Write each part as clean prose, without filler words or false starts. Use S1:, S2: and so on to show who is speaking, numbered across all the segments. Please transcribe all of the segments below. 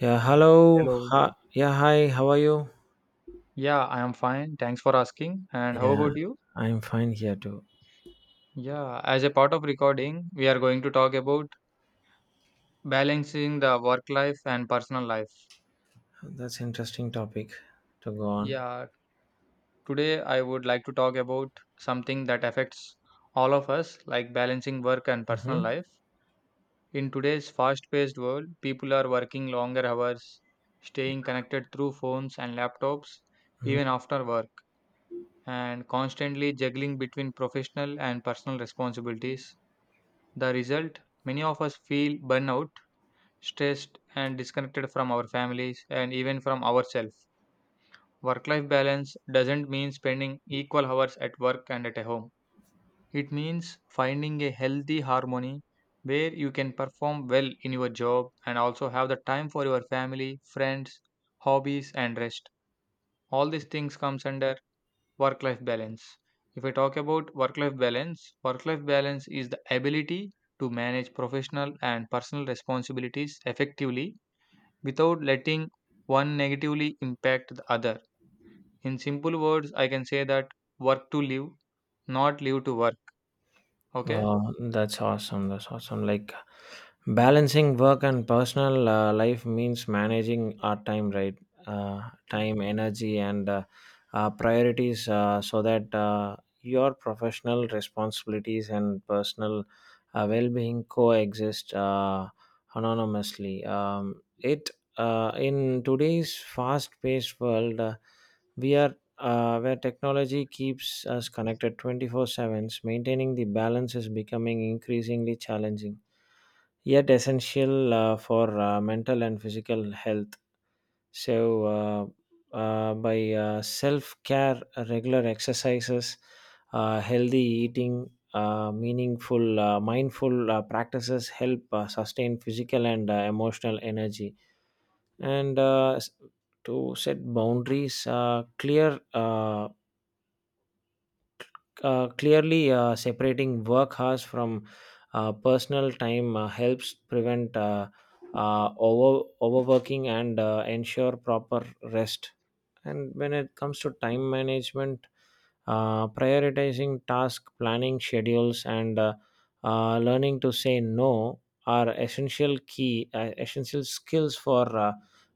S1: Yeah, hello.
S2: Hello.
S1: Hi. Yeah, hi. How are you?
S2: Yeah, I am fine. Thanks for asking. And how
S1: Yeah,
S2: about you?
S1: I'm fine here too.
S2: Yeah, as a part of recording, we are going to talk about balancing the work life and personal life.
S1: That's interesting topic to go on.
S2: Yeah, today I would like to talk about something that affects all of us, like balancing work and
S1: Mm-hmm.
S2: personal
S1: Mm-hmm.
S2: life. In today's fast-paced world, people are working longer hours, staying connected through phones and laptops, even after work, and constantly juggling between professional and personal responsibilities. The result, many of us feel burnout, stressed, and disconnected from our families and even from ourselves. Work life balance doesn't mean spending equal hours at work and at home. It means finding a healthy harmony where you can perform well in your job and also have the time for your family, friends, hobbies, and rest. All these things comes under work life balance. If I talk about work life balance, work life balance is the ability to manage professional and personal responsibilities effectively without letting one negatively impact the other. In simple words, I can say that work to live, not live to work. Okay,
S1: Wow, that's awesome. That's awesome. Like balancing work and personal life means managing our time, right? Uh, Time, energy, and priorities so that your professional responsibilities and personal well being coexist anonymously. It In today's fast paced world, we are where technology keeps us connected 24/7, maintaining the balance is becoming increasingly challenging, yet essential for mental and physical health. So, by self care, regular exercises, healthy eating, mindful practices help sustain physical and emotional energy. And to set boundaries, clearly separating work hours from personal time helps prevent overworking and ensure proper rest. And when it comes to time management, prioritizing task planning schedules and learning to say no are essential skills for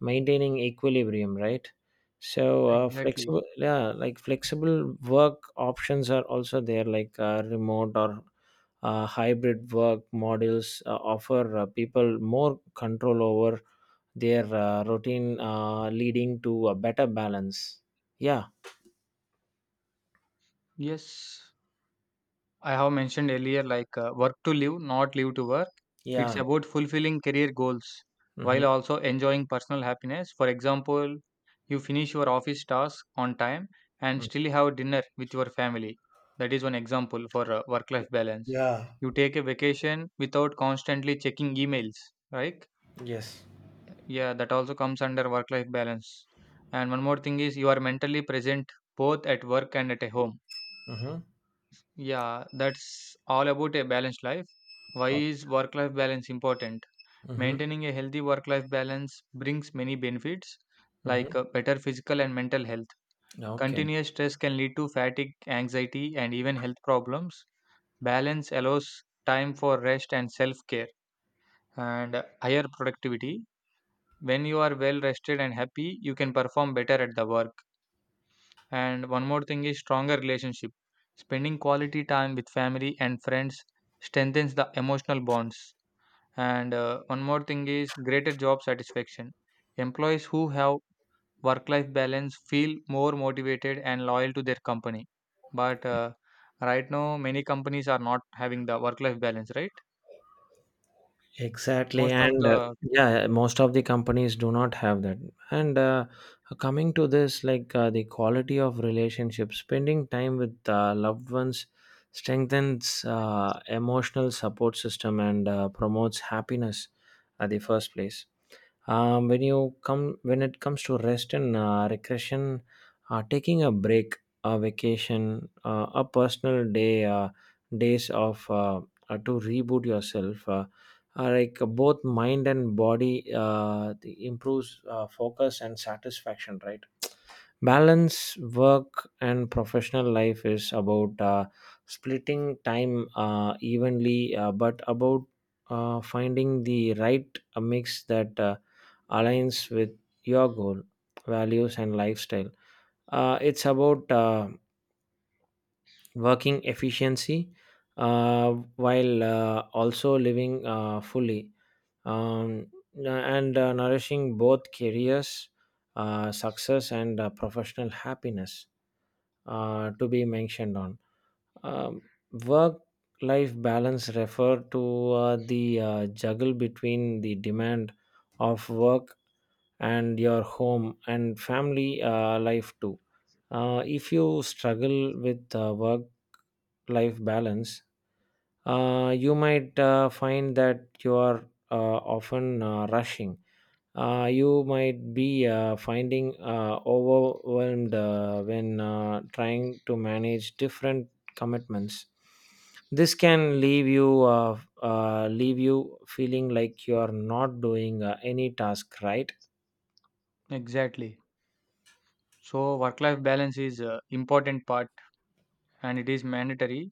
S1: maintaining equilibrium, right? So
S2: exactly.
S1: flexible yeah like flexible work options are also there, like remote or hybrid work models offer people more control over their routine, leading to a better balance. Yeah.
S2: Yes, I have mentioned earlier, like work to live, not live to work. It's
S1: Yeah.
S2: about fulfilling career goals while
S1: Mm-hmm.
S2: also enjoying personal happiness. For example, you finish your office task on time and still have dinner with your family. That is one example for work life balance.
S1: Yeah.
S2: You take a vacation without constantly checking emails, right?
S1: Yes.
S2: Yeah, that also comes under work life balance. And one more thing is, you are mentally present both at work and at a home.
S1: Mm-hmm.
S2: Yeah, that's all about a balanced life. Why is work life balance important?
S1: Mm-hmm.
S2: Maintaining a healthy work life balance brings many benefits,
S1: Mm-hmm.
S2: like better physical and mental health.
S1: Okay.
S2: Continuous stress can lead to fatigue, anxiety, and even health problems. Balance allows time for rest and self care, and higher productivity. When you are well rested and happy, you can perform better at the work. And one more thing is stronger relationship. Spending quality time with family and friends strengthens the emotional bonds. And one more thing is greater job satisfaction. Employees who have work life balance feel more motivated and loyal to their company. But right now, many companies are not having the work life balance, right?
S1: Exactly.
S2: Most of
S1: And
S2: the
S1: yeah, most of the companies do not have that. And coming to this, like the quality of relationships, spending time with loved ones strengthens emotional support system and promotes happiness at the first place. When it comes to rest and recreation, taking a break, a vacation, a personal day, days of to reboot yourself, like both mind and body the improves focus and satisfaction, right? Balance work and professional life is about splitting time evenly, but about finding the right mix that aligns with your goal, values and lifestyle. It's about working efficiency, uh, while also living fully, um, and nourishing both careers, success, and professional happiness to be mentioned on. Um, Work life balance refer to the juggle between the demand of work and your home and family life too. If you struggle with work life balance, you might find that you are often rushing. You might be finding overwhelmed when trying to manage different commitments. This can leave you feeling like you are not doing any task right.
S2: exactly. So, work life balance is important part and it is mandatory.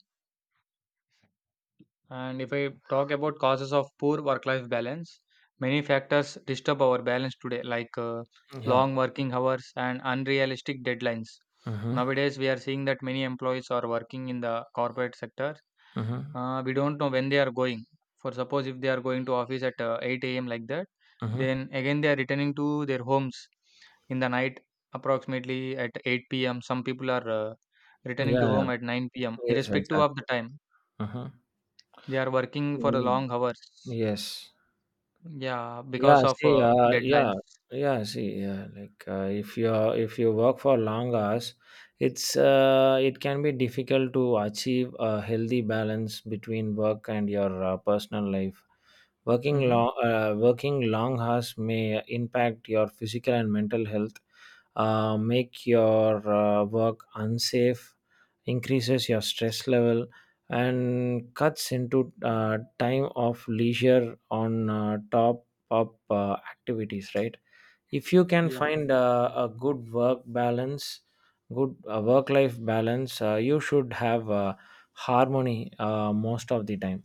S2: And if I talk about causes of poor work life balance, many factors disturb our balance today, like
S1: Yeah.
S2: long working hours and unrealistic deadlines.
S1: Mm-hmm.
S2: Nowadays, we are seeing that many employees are working in the corporate sector.
S1: Mm-hmm.
S2: We don't know when they are going. For suppose if they are going to office at 8 a.m. like that,
S1: Mm-hmm.
S2: then again they are returning to their homes in the night approximately at 8 p.m. Some people are returning
S1: Yeah.
S2: to
S1: Yeah.
S2: home at 9 p.m.
S1: Yes.
S2: irrespective of
S1: Exactly.
S2: the time
S1: Mm-hmm.
S2: they are working for the
S1: Mm.
S2: long hours.
S1: Yes.
S2: Yeah, because
S1: Yeah,
S2: of
S1: see,
S2: deadlines.
S1: like if you work for long hours, it can be difficult to achieve a healthy balance between work and your personal life.
S2: Mm-hmm.
S1: Working long hours may impact your physical and mental health, make your work unsafe, increases your stress level and cuts into time of leisure on top up activities, right? If you can
S2: Yeah.
S1: find a good work balance good work life balance, you should have harmony most of the time,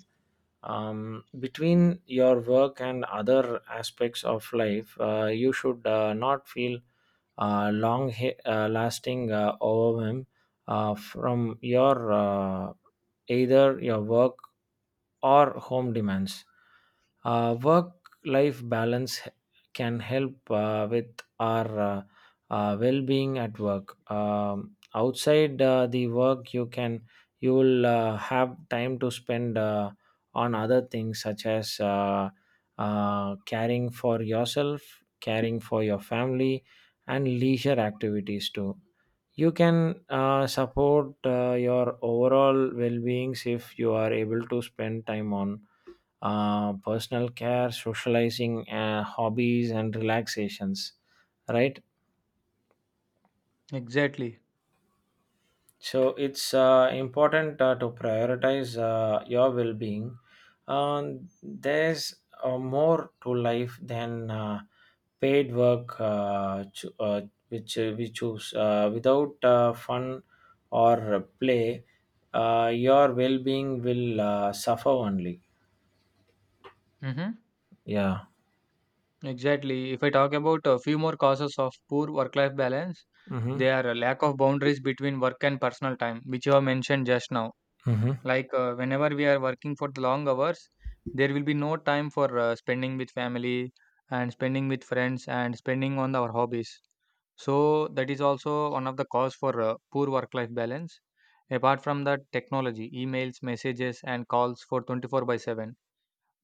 S1: between your work and other aspects of life. Uh, you should not feel lasting overwhelm from your either your work or home demands. Work life balance can help with our well being at work. Outside the work, you will have time to spend on other things such as caring for yourself, caring for your family, and leisure activities too. You can support your overall well-being if you are able to spend time on personal care, socializing, hobbies and relaxations, right?
S2: Exactly.
S1: So it's important to prioritize your well-being. Um, there's more to life than paid work which we choose without fun or play. Uh, your well-being will suffer only.
S2: Mm-hmm.
S1: Yeah.
S2: Exactly. If I talk about a few more causes of poor work-life balance,
S1: Mm-hmm.
S2: they are a lack of boundaries between work and personal time, which you have mentioned just now.
S1: Mm-hmm.
S2: Like whenever we are working for the long hours, there will be no time for spending with family and spending with friends and spending on our hobbies. So that is also one of the cause for poor work life balance. Apart from that, technology, emails, messages, and calls for 24 by 7.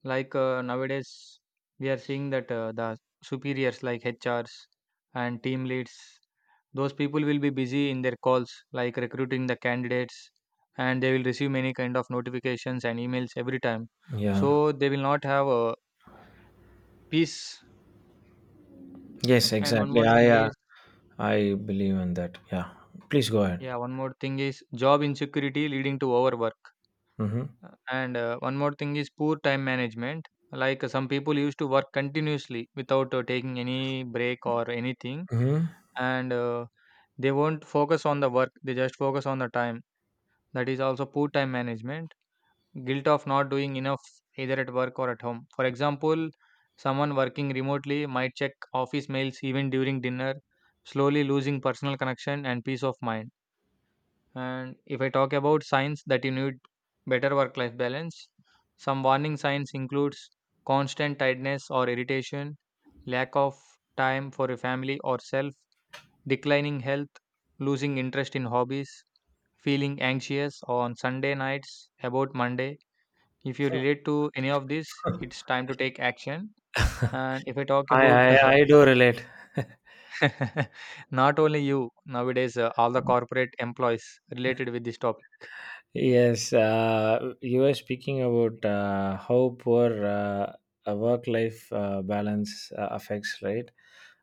S2: Like nowadays, we are seeing that the superiors like HRs and team leads, those people will be busy in their calls, like recruiting the candidates, and they will receive many kind of notifications and emails every time.
S1: Yeah.
S2: So they will not have a peace.
S1: Yes,
S2: And one
S1: exactly.
S2: more
S1: i
S2: thing
S1: uh,
S2: is,
S1: i believe in that. Yeah, please go ahead.
S2: yeah, one more thing is job insecurity leading to overwork.
S1: Mm-hmm.
S2: And one more thing is poor time management. Like some people used to work continuously without taking any break or anything,
S1: Mm-hmm.
S2: and they won't focus on the work, they just focus on the time. That is also poor time management, guilt of not doing enough either at work or at home. For example, someone working remotely might check office mails even during dinner, slowly losing personal connection and peace of mind. And if I talk about signs that you need better work life balance, some warning signs includes constant tiredness or irritation, lack of time for your family or self, declining health, losing interest in hobbies, feeling anxious on Sunday nights about Monday. If you relate to any of this, it's time to take action. And if I talk
S1: I
S2: about
S1: I, I do relate.
S2: not only you, nowadays all the corporate employees related with this topic.
S1: Yes, you were speaking about how poor a work-life balance affects, right?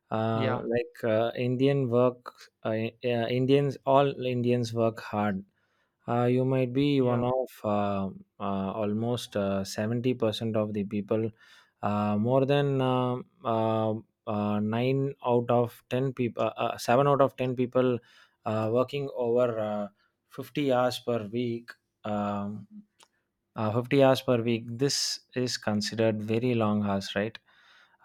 S2: Yeah,
S1: Like Indians, all Indians work hard. Uh, you might be one
S2: yeah.
S1: of almost 70% of the people, more than uh, 9 out of 10 people, 7 out of 10 people working over 50 hours per week. um, 50 hours per week, this is considered very long hours, right?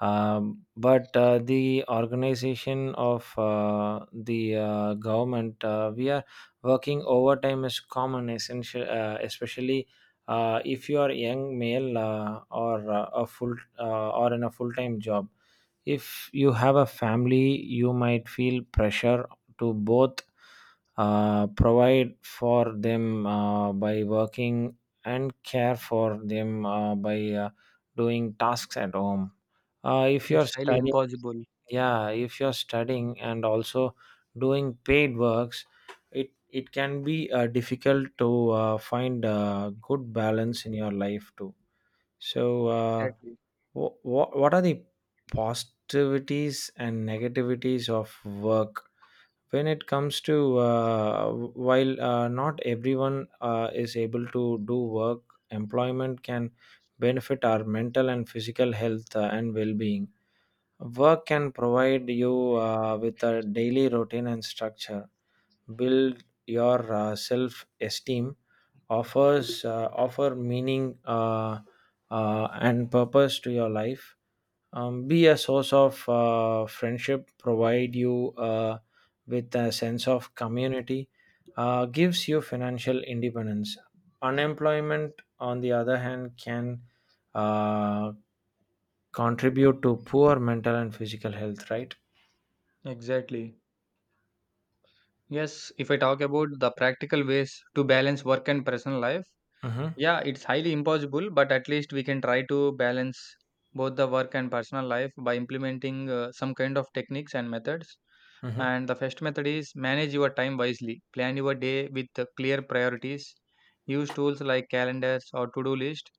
S1: but the organization of the government, we are working overtime is common, essential especially if you are young male or a full or in a full-time job. If you have a family you might feel pressure to both provide for them by working and care for them by doing tasks at home. If you're
S2: It's highly
S1: studying,
S2: impossible.
S1: yeah, if you're studying and also doing paid works, it can be difficult to find a good balance in your life too. So
S2: Exactly.
S1: What are the positivities and negativities of work when it comes to, while not everyone is able to do work, employment can benefit our mental and physical health and well-being. Work can provide you with a daily routine and structure, build your self-esteem, offer meaning and purpose to your life, be a source of friendship, provide you with a sense of community, gives you financial independence. Unemployment on the other hand can uh, contribute to poor mental and physical health, right?
S2: Exactly. Yes, if I talk about the practical ways to balance work and personal life,
S1: Mm-hmm.
S2: yeah, it's highly impossible, but at least we can try to balance both the work and personal life by implementing some kind of techniques and methods.
S1: Mm-hmm.
S2: And the first method is manage your time wisely. Plan your day with the clear priorities. Use tools like calendars or to-do list.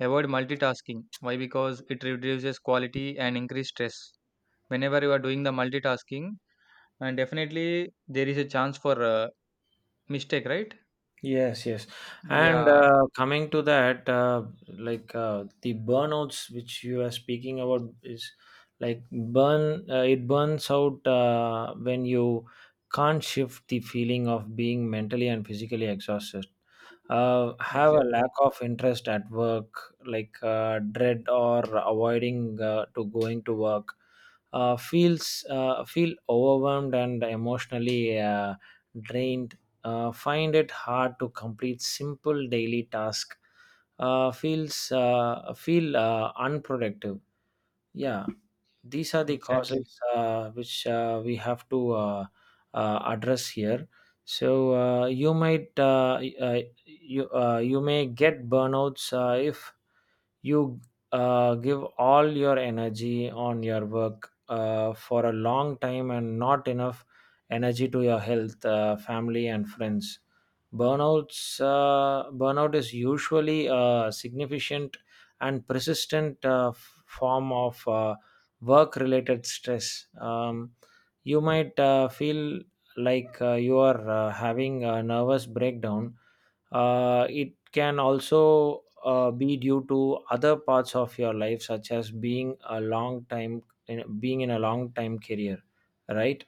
S2: Avoid multitasking. Why? Because it reduces quality and increase stress. Whenever you are doing the multitasking, and definitely there is a chance for mistake, right?
S1: Yes, yes. And
S2: Yeah,
S1: coming to that, like the burnouts which you are speaking about is it burns out when you can't shift the feeling of being mentally and physically exhausted. Have a lack
S2: exactly.
S1: of interest at work, like dread or avoiding to going to work. Feel overwhelmed and emotionally drained, find it hard to complete simple daily tasks, feel unproductive. Yeah, these are the
S2: Exactly.
S1: causes which we have to address here. So you might you you may get burnouts if you give all your energy on your work for a long time and not enough energy to your health, family and friends. Burnout is usually a significant and persistent form of work related stress. You might feel like you are having a nervous breakdown. It can also be due to other parts of your life, such as being in a long time career, right?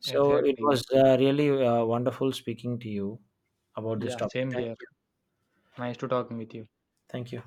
S1: So it
S2: Exactly.
S1: was really wonderful speaking to you about this
S2: Yeah,
S1: topic.
S2: same
S1: Thank
S2: here.
S1: you.
S2: Nice to talking with you.
S1: Thank you.